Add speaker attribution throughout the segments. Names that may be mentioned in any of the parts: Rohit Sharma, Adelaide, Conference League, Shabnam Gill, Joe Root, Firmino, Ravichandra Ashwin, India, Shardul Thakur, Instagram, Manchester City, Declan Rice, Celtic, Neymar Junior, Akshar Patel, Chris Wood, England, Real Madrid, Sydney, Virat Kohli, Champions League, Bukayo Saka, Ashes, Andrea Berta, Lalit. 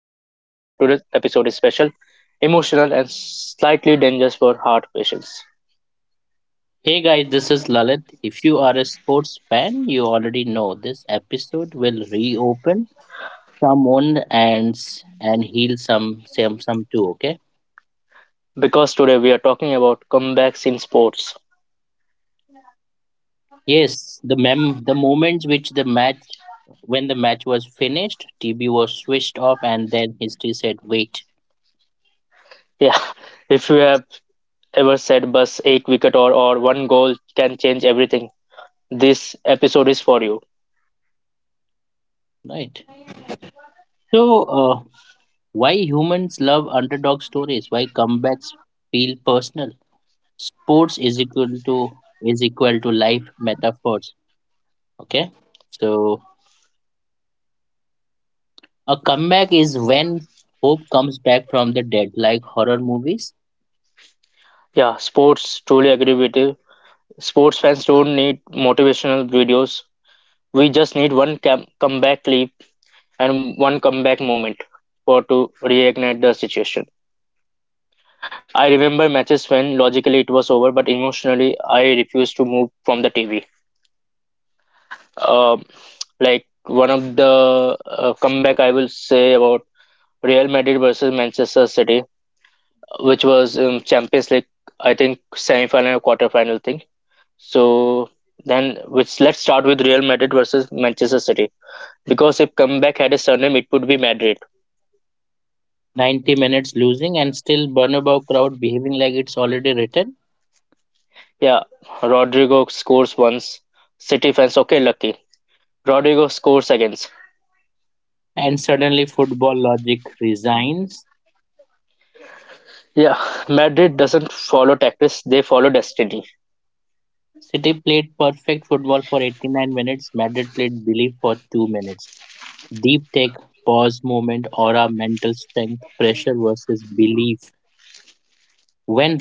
Speaker 1: today's episode is special, emotional and slightly dangerous for heart patients.
Speaker 2: Hey guys, this is Lalit. If you are a sports fan, you already know this episode will reopen some wound and heal some too. Okay.
Speaker 1: Because today we are talking about comebacks in sports.
Speaker 2: Yes, the mem the moments which the match when the match was finished, TB was switched off, and then history said wait.
Speaker 1: Yeah, if you have ever said bus 8 wicket or one goal can change everything, this episode is for you.
Speaker 2: Right. So, uh, why humans love underdog stories? Why comebacks feel personal? Sports is equal to life metaphors. Okay. So a comeback is when hope comes back from the dead, like horror movies.
Speaker 1: Yeah, sports truly agree with you. Sports fans don't need motivational videos. We just need one comeback leap and one comeback moment for to reignite the situation. I remember matches when logically it was over, but emotionally I refused to move from the TV. Um, like one of the comeback I will say about Real Madrid versus Manchester City, which was Champions League, I think semi-final or quarter-final thing. So then, which let's start with Real Madrid versus Manchester City because if comeback had a surname, it would be Madrid.
Speaker 2: 90 minutes losing and still Bernabeu crowd behaving like it's already written.
Speaker 1: Yeah, Rodrigo scores once. City fans, okay, lucky. Rodrigo scores against.
Speaker 2: And suddenly football logic resigns.
Speaker 1: Yeah, Madrid doesn't follow tactics, they follow destiny.
Speaker 2: City played perfect football for 89 minutes. Madrid played belief for 2 minutes. Deep take, pause moment, aura, mental strength, pressure versus belief. When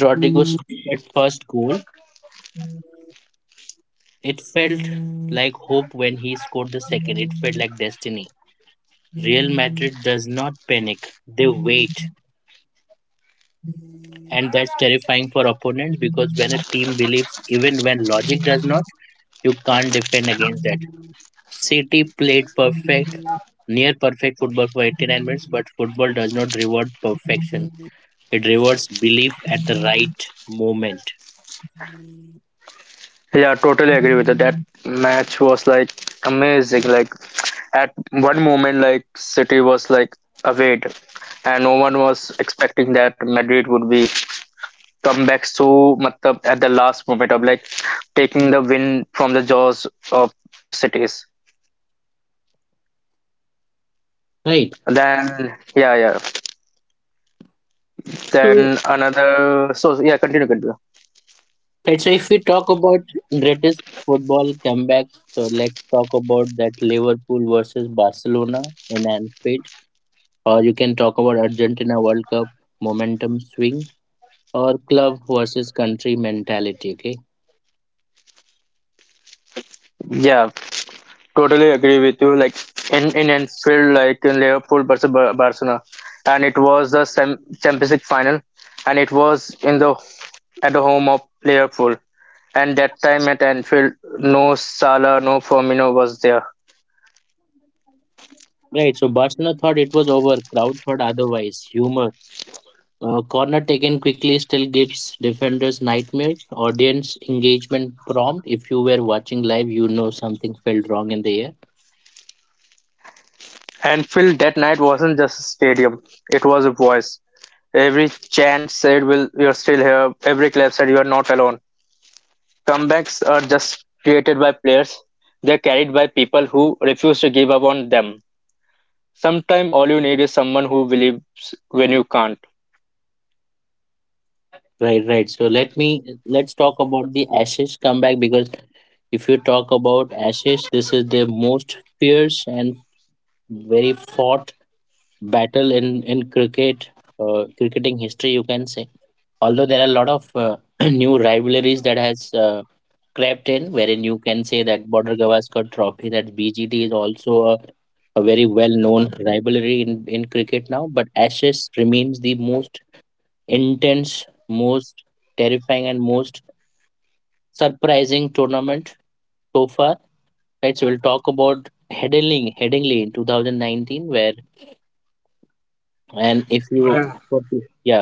Speaker 1: Yeah, totally agree with that. That match was like amazing. Like at one moment, like City was like away, and no one was expecting that Madrid would be come back so much at the last moment of like taking the win from the jaws of cities.
Speaker 2: Right.
Speaker 1: Then yeah, yeah.
Speaker 2: So
Speaker 1: Then another. So yeah, continue, continue.
Speaker 2: let's say if we talk about greatest football comebacks, so let's talk about that Liverpool versus Barcelona in Anfield, or you can talk about Argentina World Cup momentum swing, or club versus country mentality. Okay.
Speaker 1: Yeah, totally agree with you. Like in Anfield, like in Liverpool versus Barcelona, and it was the Champions League final, and it was in the at the home of Liverpool. And that time at Anfield, no Salah, no Firmino was there.
Speaker 2: Right. So Barcelona thought it was over. Crowd thought otherwise. Humor. Corner taken quickly still gives defenders nightmares. Audience engagement prompt. If you were watching live, you know something felt wrong in the air.
Speaker 1: Anfield that night wasn't just a stadium; it was a voice. Every chant said, "Will you're still here?" Every clap said, "You are not alone." Comebacks are just created by players; they're carried by people who refuse to give up on them. Sometimes all you need is someone who believes when you can't.
Speaker 2: Right, right. So let's talk about the Ashes comeback, because if you talk about Ashes, this is the most fierce and very fought battle in cricket, cricketing history, you can say. Although there are a lot of new rivalries that has crept in, wherein you can say that Border Gavaskar Trophy, that BGT is also a very well known rivalry in cricket now. But Ashes remains the most intense, most terrifying, and most surprising tournament so far. Right, so we'll talk about Headingley in 2019, where and if you yeah,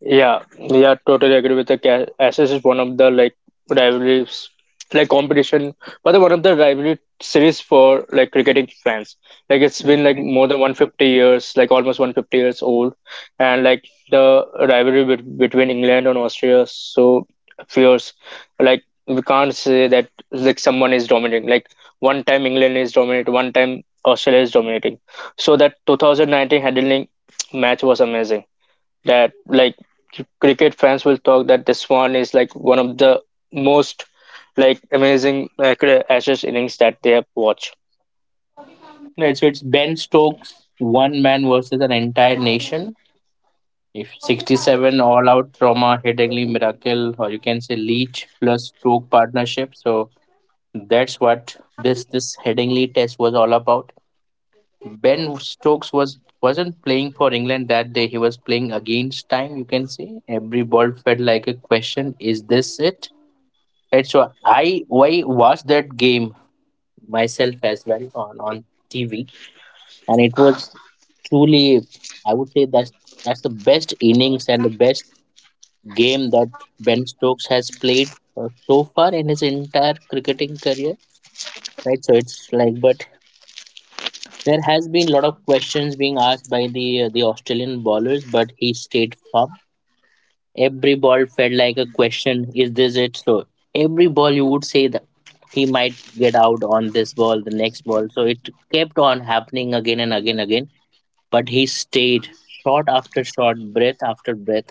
Speaker 1: Yeah, yeah, totally agree with the Ashes is one of the like rivalries, like competition, but the one of the rivalry series for like cricketing fans. Like it's been like more than 150 years, like almost 150 years old, and like the rivalry between England and Austria is so fierce. Like we can't say that like someone is dominating. Like one time England is dominating, one time Australia is dominating. So that 2019 handling match was amazing that like cricket fans will talk that this one is like one of the most like amazing like Ashes innings that they have watched.
Speaker 2: right, so it's Ben Stokes, one man versus an entire nation. If 67 all out trauma, Headingley miracle, or you can say Leach plus Stoke partnership. So that's what this Headingley test was all about. Ben Stokes wasn't playing for England that day. He was playing against time. You can say every ball felt like a question: is this it? And so I why watched that game myself as well on TV, and it was truly, I would say, that's the best innings and the best game that Ben Stokes has played, so far in his entire cricketing career. Right, so it's like, but there has been a lot of questions being asked by the Australian bowlers, but he stayed firm. Every ball felt like a question: is this it? So every ball you would say that he might get out on this ball, the next ball. So it kept on happening again and again, again. But he stayed shot after shot, breath after breath,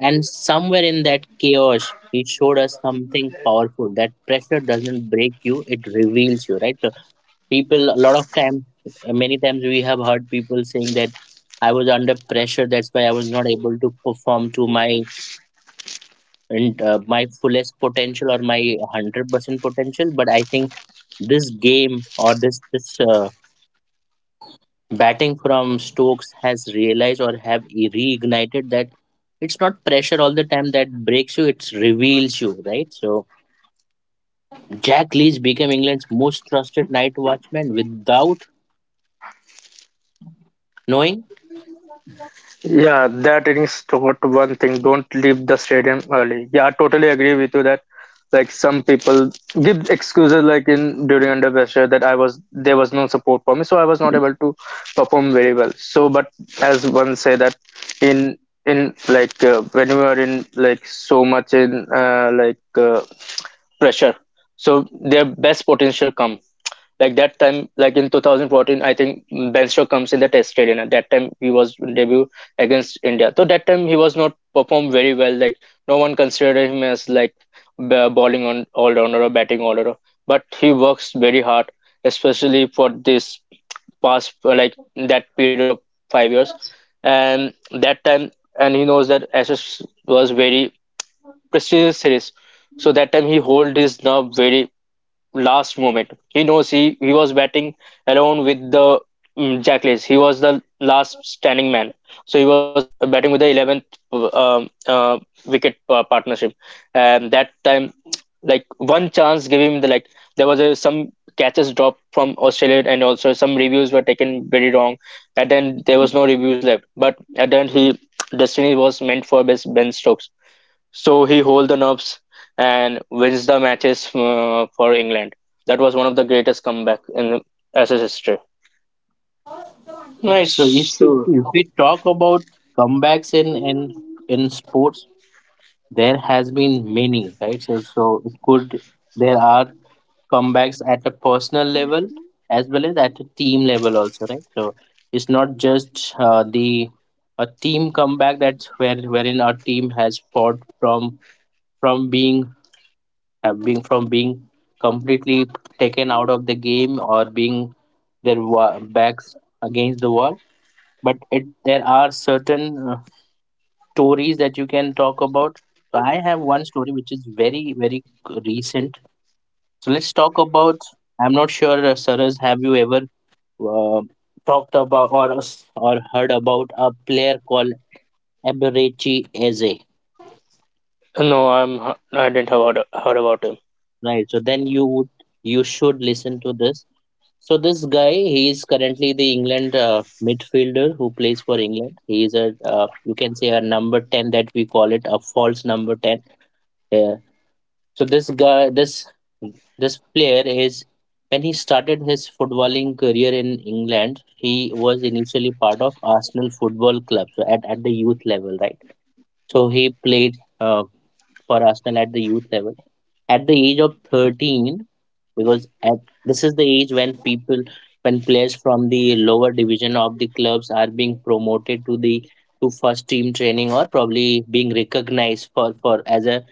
Speaker 2: and somewhere in that chaos, he showed us something powerful. That pressure doesn't break you; it reveals you, right? So people, a lot of time many times, we have heard people saying that I was under pressure, that's why I was not able to perform to my and my fullest potential or my 100% potential, but I think this game or this batting from Stokes has realized, or have reignited, that it's not pressure all the time that breaks you, it reveals you, right? So Jack Leach became England's most trusted night watchman without knowing.
Speaker 1: Yeah, that innings taught one thing: don't leave the stadium early. Yeah, I totally agree with you that like some people give excuses like in during under pressure that I was there was no support for me, so I was not able to perform very well. So, but as one say that in in like when you are in like so much in pressure so their best potential come like that time like in 2014 I think ben Stokes comes in the test stadium at that time he was in debut against india so that time he was not performed very well like no one considered him as like bowling on all rounder or batting all rounder but he works very hard especially for this past like that period of 5 years and that time and he knows that ashes was very prestigious series so that time he hold his nerve very last moment. He knows he was batting alone with the Jackals. He was the last standing man. So he was batting with the 11th wicket partnership. And that time, like one chance gave him the like, there was a, some catches dropped from Australia and also some reviews were taken very wrong. And then there was no reviews left. But at the end, he, destiny was meant for best Ben Stokes so he hold the nerves and wins the matches for England. That was one of the greatest comeback in SS history.
Speaker 2: Right. So if we talk about comebacks in sports, there has been many, right? So it could there are comebacks at a personal level as well as at a team level also, right? So it's not just the a team comeback that's where wherein our team has fought from being completely taken out of the game, or being their backs against the wall, but it there are certain stories that you can talk about. So I have one story which is very very recent. So let's talk about, I'm not sure, Saras, have you ever uh, talked about or or heard about a player called Eberechi Eze?
Speaker 1: No, I didn't have heard about him.
Speaker 2: Right, so then you should listen to this. So this guy, he is currently the England midfielder who plays for England. He is a you can say, a number 10, that we call it a false number 10. uh, So this guy, this player is when he started his footballing career in England, he was initially part of Arsenal Football Club, so at the youth level, right? So he played, uh, for Arsenal at the youth level. At the age of 13, because at this is the age when players from the lower division of the clubs are being promoted to first team training, or probably being recognized for as a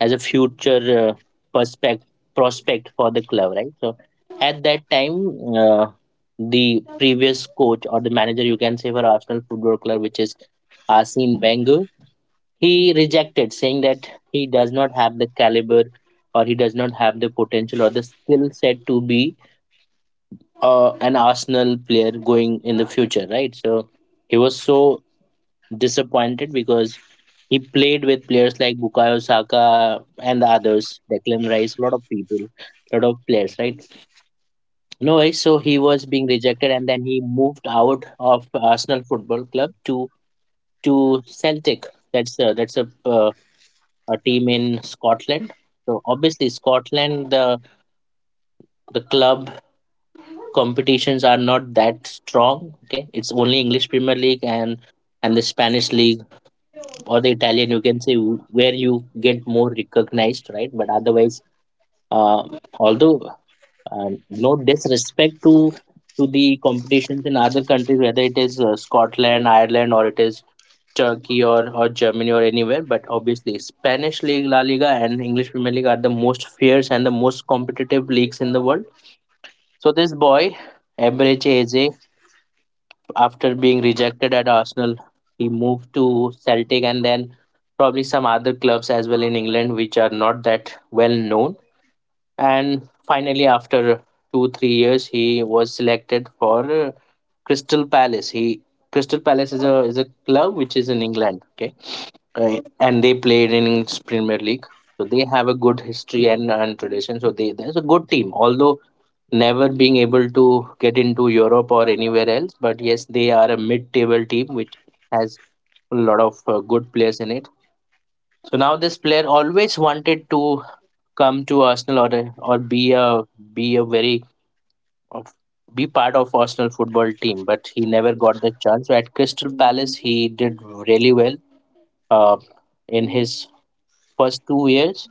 Speaker 2: as a future prospect prospect for the club, right? So at that time, the previous coach or the manager, you can say, for Arsenal Football Club, which is Arsene Wenger, he rejected, saying that he does not have the caliber, or he does not have the potential or the skill set to be an Arsenal player going in the future, right? So he was so disappointed, because he played with players like Bukayo Saka and the others, Declan Rice, a lot of people, a lot of players, right? No way. So he was being rejected, and then he moved out of Arsenal Football Club to Celtic. That's a team in Scotland. So obviously Scotland, the club competitions are not that strong. Okay, it's only English Premier League and the Spanish league, or the Italian, you can say, where you get more recognized, right? But otherwise, uh, although, no disrespect to the competitions in other countries, whether it is Scotland, Ireland, or it is Turkey or Germany or anywhere, but obviously Spanish League, La Liga, and English Premier League are the most fierce and the most competitive leagues in the world. So this boy, Emre Eze, after being rejected at Arsenal, he moved to Celtic, and then probably some other clubs as well in England, which are not that well known, and finally after 2 3 years he was selected for, Crystal Palace. He Crystal Palace is a club which is in England. Okay, and they played in English Premier League, so they have a good history and, tradition, so they there's a good team, although never being able to get into Europe or anywhere else, but yes, they are a mid table team which has a lot of good players in it. So now this player always wanted to come to Arsenal, or or be a very of be part of Arsenal football team, but he never got the chance. So at Crystal Palace, he did really well. Uh, in his first 2 years,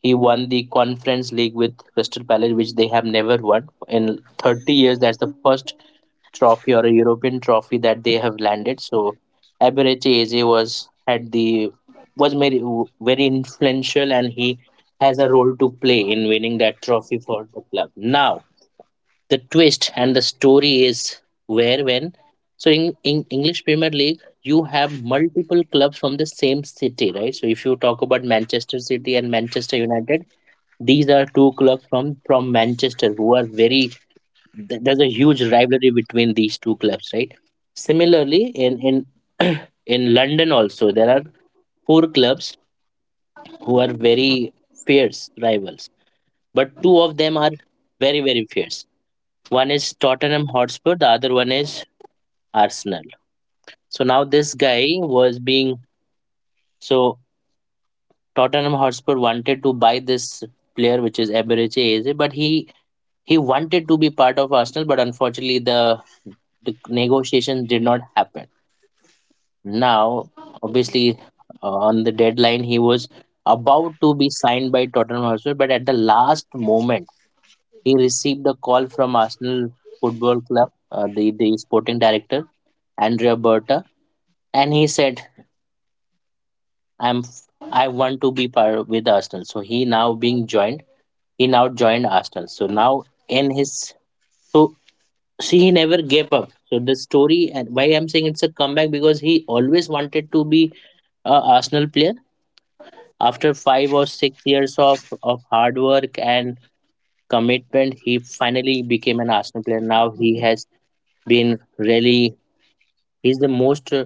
Speaker 2: he won the Conference League with Crystal Palace, which they have never won in 30 years. That's the first trophy, or a European trophy that they have landed. So Aberechi Eze was had the was very very influential, and he has a role to play in winning that trophy for the club. Now the twist and the story is, where when so in English Premier League you have multiple clubs from the same city, right? So if you talk about Manchester City and Manchester United, these are two clubs from Manchester, who are there's a huge rivalry between these two clubs, right? Similarly, in in London, also there are four clubs who are very fierce rivals, but two of them are very very fierce. One is Tottenham Hotspur, the other one is Arsenal. So now this guy was being so Tottenham Hotspur wanted to buy this player, which is Eberechi Eze, but he wanted to be part of Arsenal, but unfortunately the negotiations did not happen. Now, obviously, on the deadline, he was about to be signed by Tottenham Hotspur, but at the last moment, he received a call from Arsenal Football Club, the sporting director, Andrea Berta, and he said, i'm "I want to be part with Arsenal." So he now joined Arsenal. So now, in his so see, he never gave up. So the story, and why I'm saying it's a comeback, because he always wanted to be a Arsenal player. After 5 or 6 years of hard work and commitment, he finally became an Arsenal player. Now he has been really. He's the most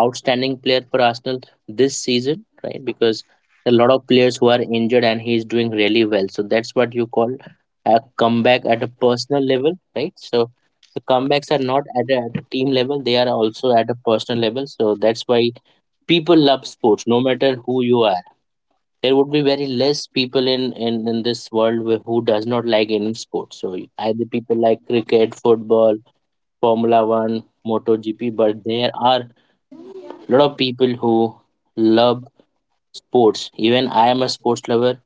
Speaker 2: outstanding player for Arsenal this season, right? Because a lot of players who are injured, and he's doing really well. So that's what you call a comeback at a personal level, right? So the comebacks are not at a team level, they are also at a personal level. So that's why people love sports no matter who you are. There would be very less people in this world who does not like any sport. So either people like cricket, football, formula 1, MotoGP, but there are lot of people who love sports. Even I am a sports lover.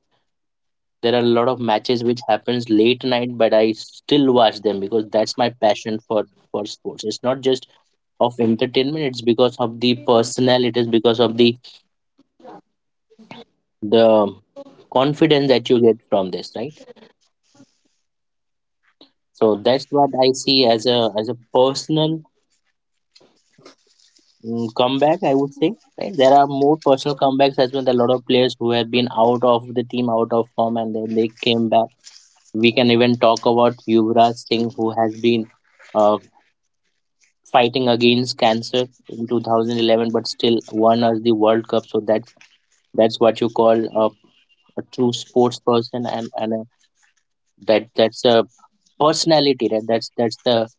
Speaker 2: There are a lot of matches which happens late night, but I still watch them because that's my passion for sports. It's not just of entertainment. It's because of the personnel. It is because of the confidence that you get from this, right? So that's what I see as a personal comeback, I would say, right? There are more personal comebacks as well. There are a lot of players who have been out of the team, out of form, and then they came back. We can even talk about Yuvraj Singh, who has been uh, fighting against cancer in 2011, but still won us the World Cup. So that's what you call a, a true sports person, and that that's a personality. That that's the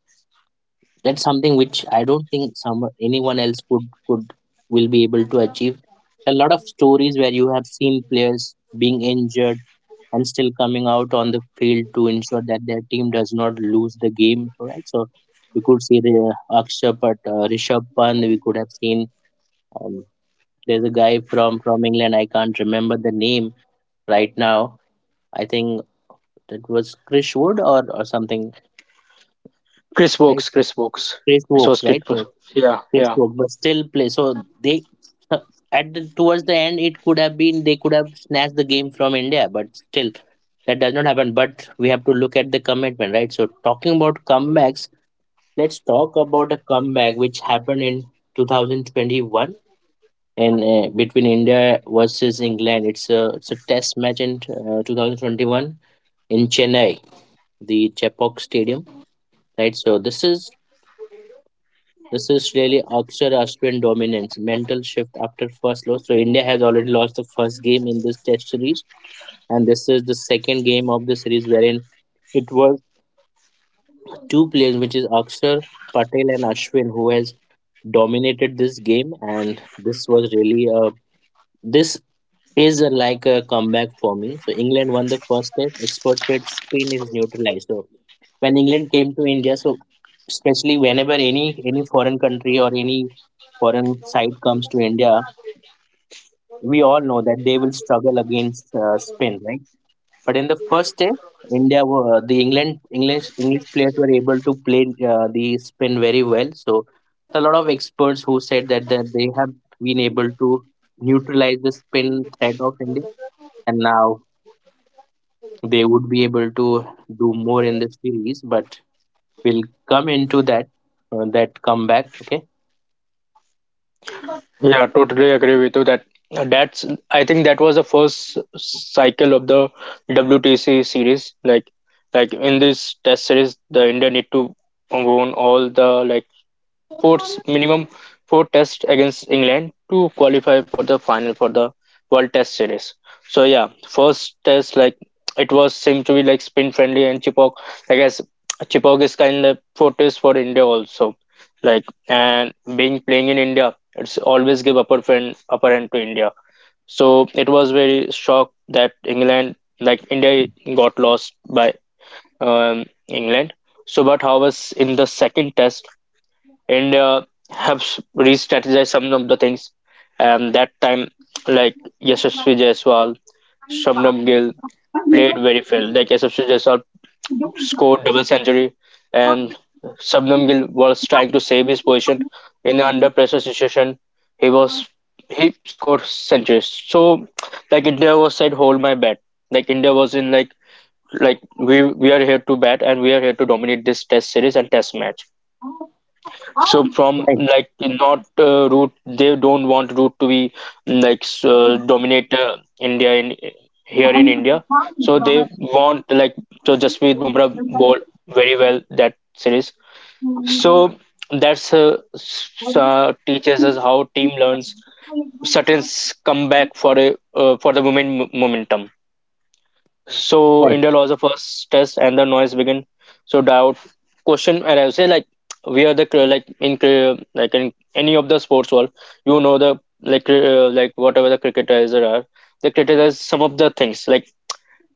Speaker 2: that's something which I don't think some anyone else could will be able to achieve. A lot of stories where you have seen players being injured and still coming out on the field to ensure that their team does not lose the game, right? So we could see the Akshay, but Rishabh Pant, we could have seen. um, there's a guy from England, I can't remember the name right now. I think it was Chris Wood or something,
Speaker 1: Chris
Speaker 2: right?
Speaker 1: Box, Chris Box.
Speaker 2: Chris
Speaker 1: It was
Speaker 2: Wokes,
Speaker 1: Kit.
Speaker 2: right? So
Speaker 1: Yeah,
Speaker 2: they
Speaker 1: yeah,
Speaker 2: spoke, but still play. So they, towards the end, it could have been, they could have snatched the game from India, but still that does not happen. But we have to look at the commitment, right? So, talking about comebacks, let's talk about a comeback which happened in 2021, in between India versus England. It's a test match in 2021 in Chennai, the Chepauk Stadium, right? So this is really Akshar Ashwin dominance, mental shift after first loss. So India has already lost the first game in this test series, and this is the second game of the series, wherein it was two players, which is Akshar Patel and Ashwin, who has dominated this game, and this was really a this is like a comeback for me. So England won the first test. Expert said spin is neutralized. So when England came to India, so especially whenever any foreign country or any foreign side comes to India, we all know that they will struggle against spin, right? But in the first test, India were the England English English players were able to play the spin very well. So a lot of experts who said that they have been able to neutralize the spin threat of India, and now they would be able to do more in the series, but we'll come into that comeback. Okay.
Speaker 1: yeah. Totally agree with you that that's. I think that was the first cycle of the WTC series. Like in this test series, the India need to won all the like Four's minimum four tests against England to qualify for the final for the World Test Series. So yeah, first test like it was seemed to be like spin friendly and Chipok. I guess Chipok is kind of fortress for India also. Like and being playing in India, it's always give upper friend upper end to India. So it was very shocked that England like India got lost by England. So, but how was in the second test? And have re-strategized some of the things. That time, like Yashasvi Jaiswal, Shabnam Gill played very well. Like Yashasvi Jaiswal scored double century, and Shabnam Gill was trying to save his position in an under pressure situation. He was he scored centuries. So like India was said, hold my bat. Like India was in like we are here to bat and we are here to dominate this test series and test match so from
Speaker 2: Right.
Speaker 1: like not root they don't want root to be like dominate india in here in india so they want like so jasprit bumrah bowled very well that series so that's teaches us how team learns Sutton's comeback for a for the moment momentum so
Speaker 2: Right.
Speaker 1: India lost the first test and the noise began. So doubt question arrives. Say like we are the like in any of the sports world, you know the like whatever the cricketers there are, they criticize some of the things like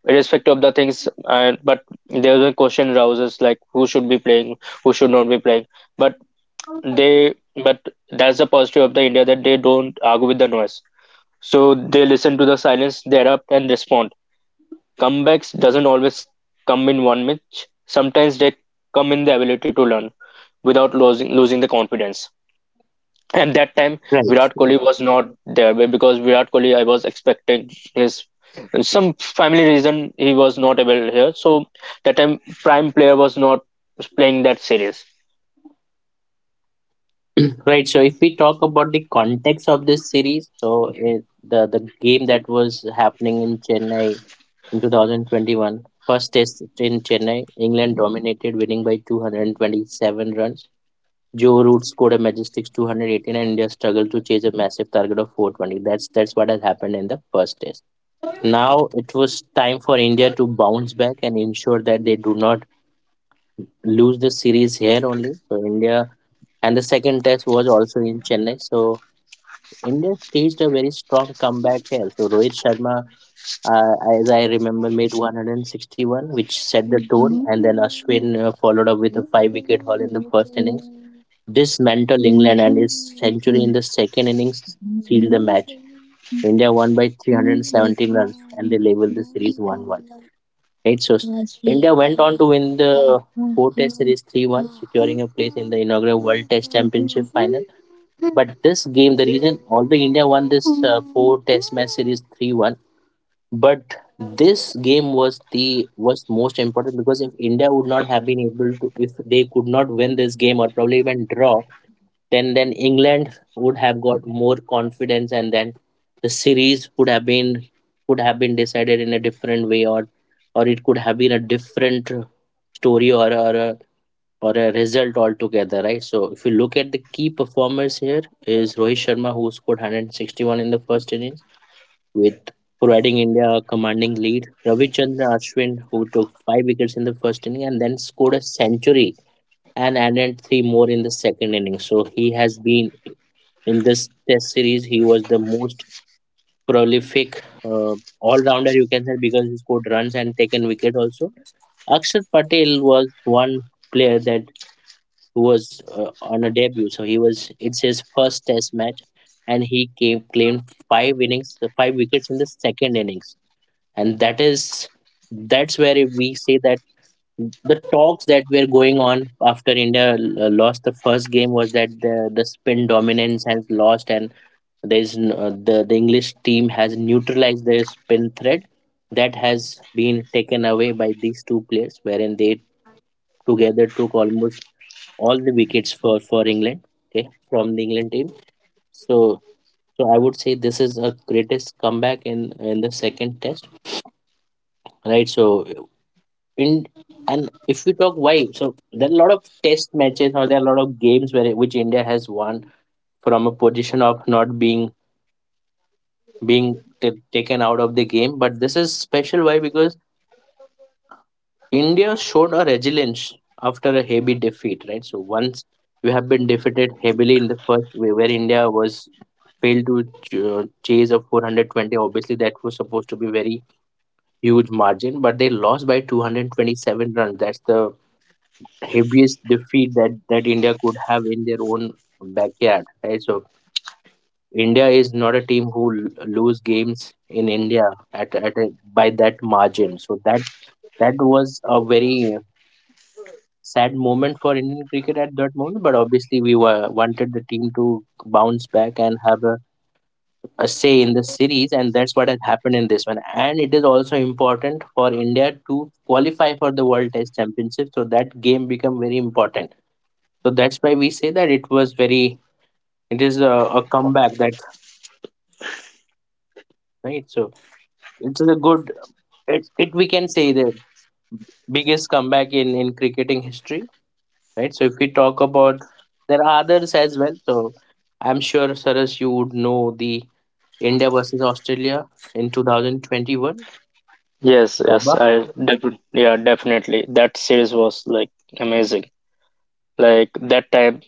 Speaker 1: irrespective of the things. And but there's a question rouses like who should be playing, who should not be playing. But they but that's the positive of the India that they don't argue with the noise. So they listen to the silence, they adapt and respond. Comebacks doesn't always come in one match. Sometimes they come in the ability to learn without losing the confidence. And that time
Speaker 2: Right.
Speaker 1: Virat Kohli was not there because Virat Kohli I was expecting his some family reason he was not able here. So that time prime player was not playing that series.
Speaker 2: Right. So if we talk about the context of this series, so it, the game that was happening in Chennai in 2021, first test in Chennai, England dominated, winning by 227 runs. Joe Root scored a majestic 218, and India struggled to chase a massive target of 420. That's what has happened in the first test. Now it was time for India to bounce back and ensure that they do not lose the series here only. So, India and the second test was also in Chennai. So India staged a very strong comeback here. So Rohit Sharma, as I remember, made 161, which set the tone, and then Ashwin followed up with a five-wicket haul in the first innings, dismantled England, and his century in the second innings sealed the match. India won by 317 runs, and they leveled the series 1-1. Right? So, India went on to win the four Test Series 3-1, securing a place in the inaugural World Test Championship final. But this game, the reason, although India won this four Test match series 3-1, but this game was the was most important, because if India would not have been able to, if they could not win this game or probably even draw, then England would have got more confidence, and then the series would have been could have been decided in a different way, or it could have been a different story, or a result altogether, right? So if you look at the key performers here is Rohit Sharma, who scored 161 in the first innings, with providing India a commanding lead; Ravichandra Ashwin, who took 5 wickets in the first inning and then scored a century, and added three more in the second inning. So he has been, in this test series, he was the most prolific all rounder, you can say, because he scored runs and taken wicket also. Akshar Patel was one player that was on a debut, so he was it's his first test match, and he came claimed five wickets in the second innings, and that's where we say that the talks that were going on after India lost the first game was that the spin dominance has lost, and there's n- the English team has neutralized their spin threat, that has been taken away by these two players, wherein they together took almost all the wickets for England. Okay, from the England team. So I would say this is a greatest comeback in the second test, right? So in and if we talk why, so there are a lot of test matches, or there are a lot of games where which India has won from a position of not being taken out of the game. But this is special, why? Because India showed a resilience after a heavy defeat, right? So once you have been defeated heavily in the first way, where India was failed to chase a 420, obviously that was supposed to be very huge margin, but they lost by 227 runs. That's the heaviest defeat that India could have in their own backyard, right? So India is not a team who lose games in India by that margin. So that was a very sad moment for Indian cricket at that moment. But obviously, we were wanted the team to bounce back and have a say in the series, and that's what has happened in this one. And it is also important for India to qualify for the World Test Championship. So that game become very important. So that's why we say that it was very. It is a comeback that, right? So it's a good, it we can say the biggest comeback in cricketing history, right? So if we talk about, there are others as well. So I'm sure, Saras, you would know the India versus Australia in 2021,
Speaker 1: Yes, yes,
Speaker 2: GABA.
Speaker 1: yeah definitely that series was like amazing. Like that time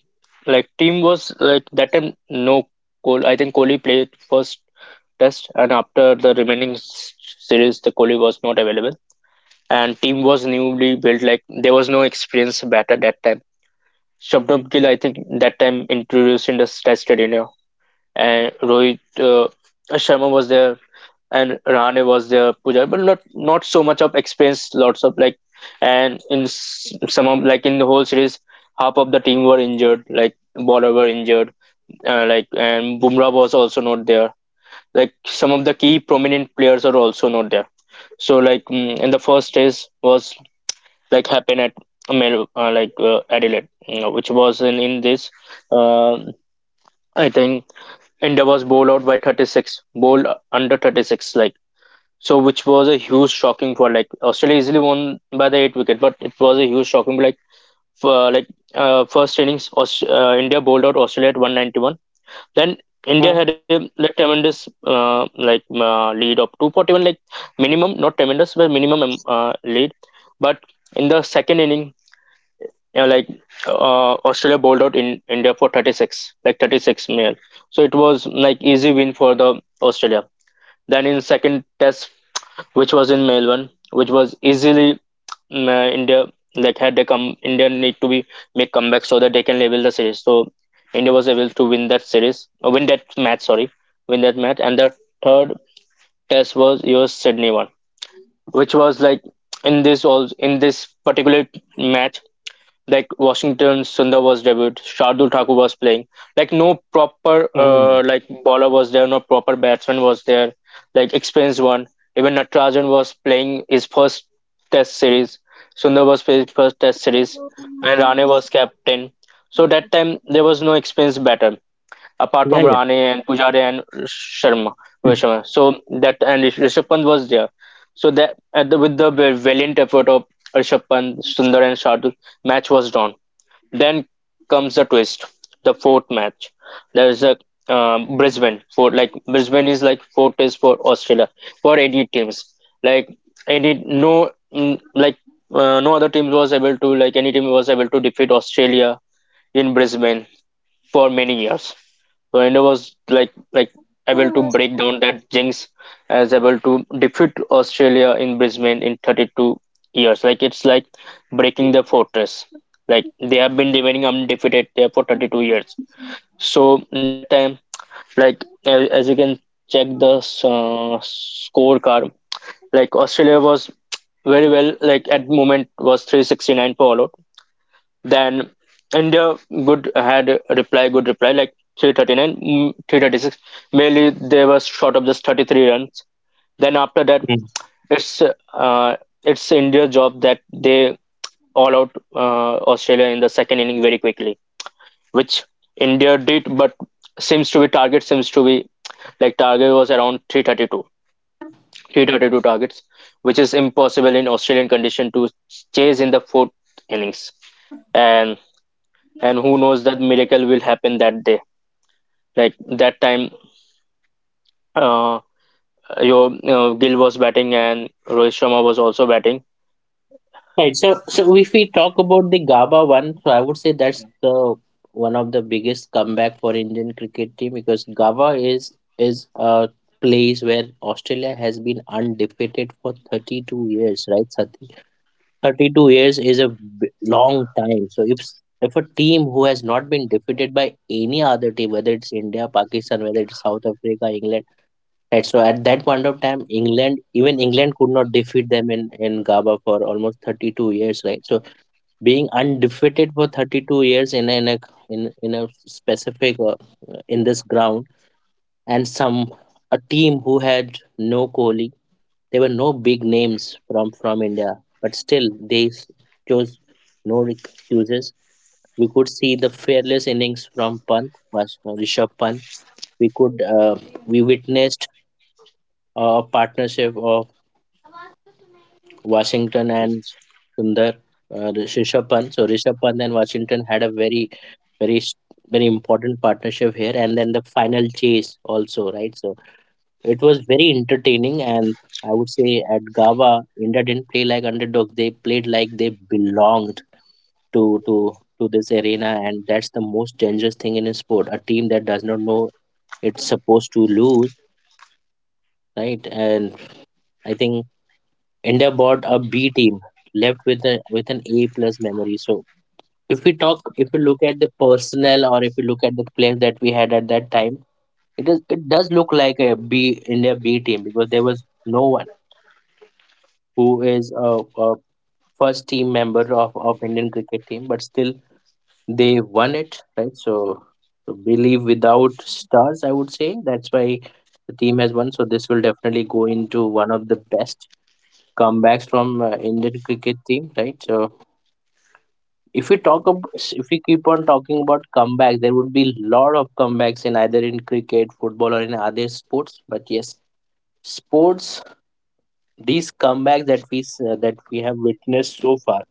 Speaker 1: like team was like that time no Kohli. I think Kohli played first test and after the remaining series the Kohli was not available and team was newly built like there was no experience batter that time. Shabnam Gill I think that time introduced in the test arena and Rohit Sharma was there and Rahane was their puja, but not so much of experience. Lots of like, and in some of like in the whole series, half of the team were injured. Like Bowler were injured. Like and Bumrah was also not there. Like some of the key prominent players are also not there. So like in the first phase was like happened at Mel, like Adelaide, you know, which was in this. Uh, I think India was bowled out by 36, bowled under 36, like so, which was a huge shocking for like Australia easily won by the eight wicket, but it was a huge shocking. Like for like first innings, India bowled out Australia at 191. Then India
Speaker 2: Hmm,
Speaker 1: had a like, tremendous like lead of 241, like minimum, not tremendous, but minimum lead. But in the second inning, uh, like Australia bowled out in India for 36, like 36 male. So it was like easy win for the Australia. Then in second test which was in Melbourne, which was easily India. Like had they come, India need to be make comeback so that they can level the series. So India was able to win that series, win that match. And the third test was your Sydney one, which was like in this all in this particular match like Washington Sundar was debut, Shardul Thakur was playing. Like no proper
Speaker 2: hmm.
Speaker 1: like bowler was there, no proper batsman was there, like experienced one. Even Natarajan was playing his first test series. Sundar was playing his first test series and Rane was captain. So that time there was no experienced batter apart
Speaker 2: Yeah,
Speaker 1: from
Speaker 2: yeah.
Speaker 1: Rane and Pujara and Sharma, Rohit Sharma. So that and Rishabh Pant was there. So that at the, with the valiant effort of Rishabh Pant, Sundar and Shardul, match was drawn. Then comes the twist, the fourth match. There is a Brisbane for like Brisbane is like four tests for Australia for any teams. Like any no no other team was able to like any team was able to defeat Australia in Brisbane for many years. So India was like able to break down that jinx, as able to defeat Australia in Brisbane in 32 years. Like it's like breaking the fortress. Like they have been remaining undefeated there for 32 years. So that time, like as you can check the scorecard, like Australia was very well like at moment was 369 for all out then India good had a reply, good reply, like 339, 336. Mainly they were short of just 33 runs. Then after that,
Speaker 2: Hmm.
Speaker 1: it's uh, it's India's job that they all out Australia in the second inning very quickly, which India did, but seems to be target seems to be like target was around 332 targets which is impossible in australian condition to chase in the fourth innings and and who knows that miracle will happen that day like that time uh, your Gill was batting and Rohit Sharma was also batting.
Speaker 2: Right. so, if we talk about the GABA one, so I would say that's the one of the biggest comeback for Indian cricket team, because GABA is a place where Australia has been undefeated for 32 years, right, Sati? 32 years is a b- long time. So if if a team who has not been defeated by any other team, whether it's India, Pakistan, whether it's South Africa, England, right? So at that point of time, even England could not defeat them in GABA for almost 32 years, right? So being undefeated for 32 years in a specific, in this ground, and some a team who had no Kohli, there were no big names from India, but still they chose no excuses. We could see the fearless innings from Pant, was Rishabh Pant. We could, we witnessed a partnership of Washington and Sundar, Rishabh Pant. So Rishabh Pant and Washington had a very, very, very important partnership here, and then the final chase also, right? So it was very entertaining, and I would say at Gava, India didn't play like underdog; they played like they belonged to this arena, and that's the most dangerous thing in a sport. A team that does not know it's supposed to lose, right? And I think India bought a B team, left with a with an A plus memory. So if we look at the personnel, or if we look at the players that we had at that time, it does look like a B, India B team, because there was no one who is a first team member of Indian cricket team, but still they won it, right? So, believe without stars, I would say that's why the team has won. So this will definitely go into one of the best comebacks from Indian cricket team, right? So, if we keep on talking about comeback, there would be lot of comebacks in either in cricket, football, or in other sports. But yes, sports, these comebacks that we have witnessed so far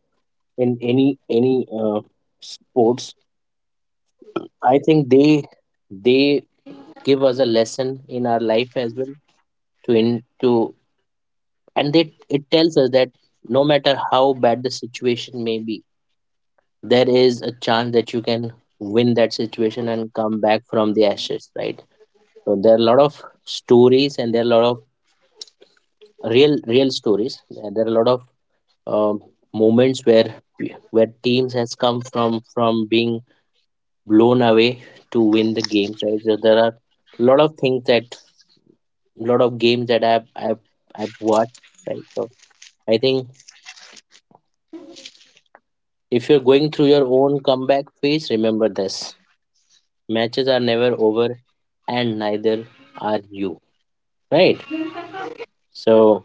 Speaker 2: in any uh, sports, I think they give us a lesson in our life as well, to in to and it tells us that no matter how bad the situation may be, there is a chance that you can win that situation and come back from the ashes, right? So there are a lot of stories, and there are a lot of real, real stories, and there are a lot of um, moments where teams has come from being blown away to win the games, right? So there are a lot of things that a lot of games that I've watched, right? So, I think, if you're going through your own comeback phase, remember this: matches are never over, and neither are you, right? So,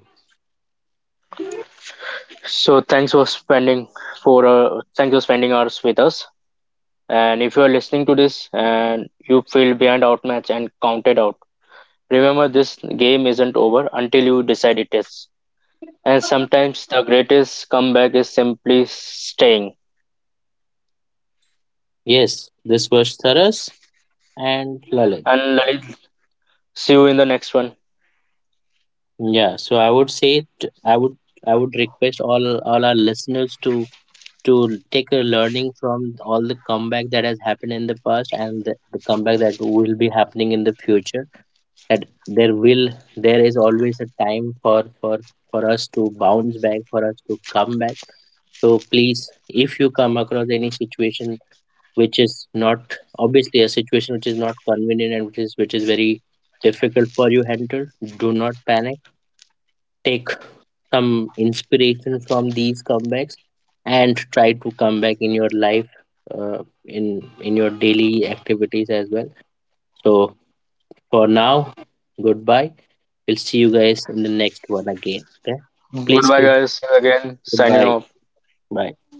Speaker 1: So thanks for spending hours with us. And if you are listening to this and you feel behind outmatched and counted out, remember this game isn't over until you decide it is. And sometimes the greatest comeback is simply staying.
Speaker 2: yes, this was Tharas and Lalit.
Speaker 1: And Lalit, see you in the next one.
Speaker 2: Yeah, so I would say, t- i would I would request all our listeners to take a learning from all the comeback that has happened in the past, and the comeback that will be happening in the future, that there is always a time for us to bounce back, for us to come back. So please, if you come across any situation which is not, obviously a situation which is not convenient, and which is very difficult for you handle, do not panic. Take some inspiration from these comebacks and try to come back in your life, in your daily activities as well. So, for now, goodbye. We'll see you guys in the next one again. Okay, please
Speaker 1: Goodbye,
Speaker 2: keep.
Speaker 1: guys. See you again. Signing
Speaker 2: Goodbye.
Speaker 1: off.
Speaker 2: Bye.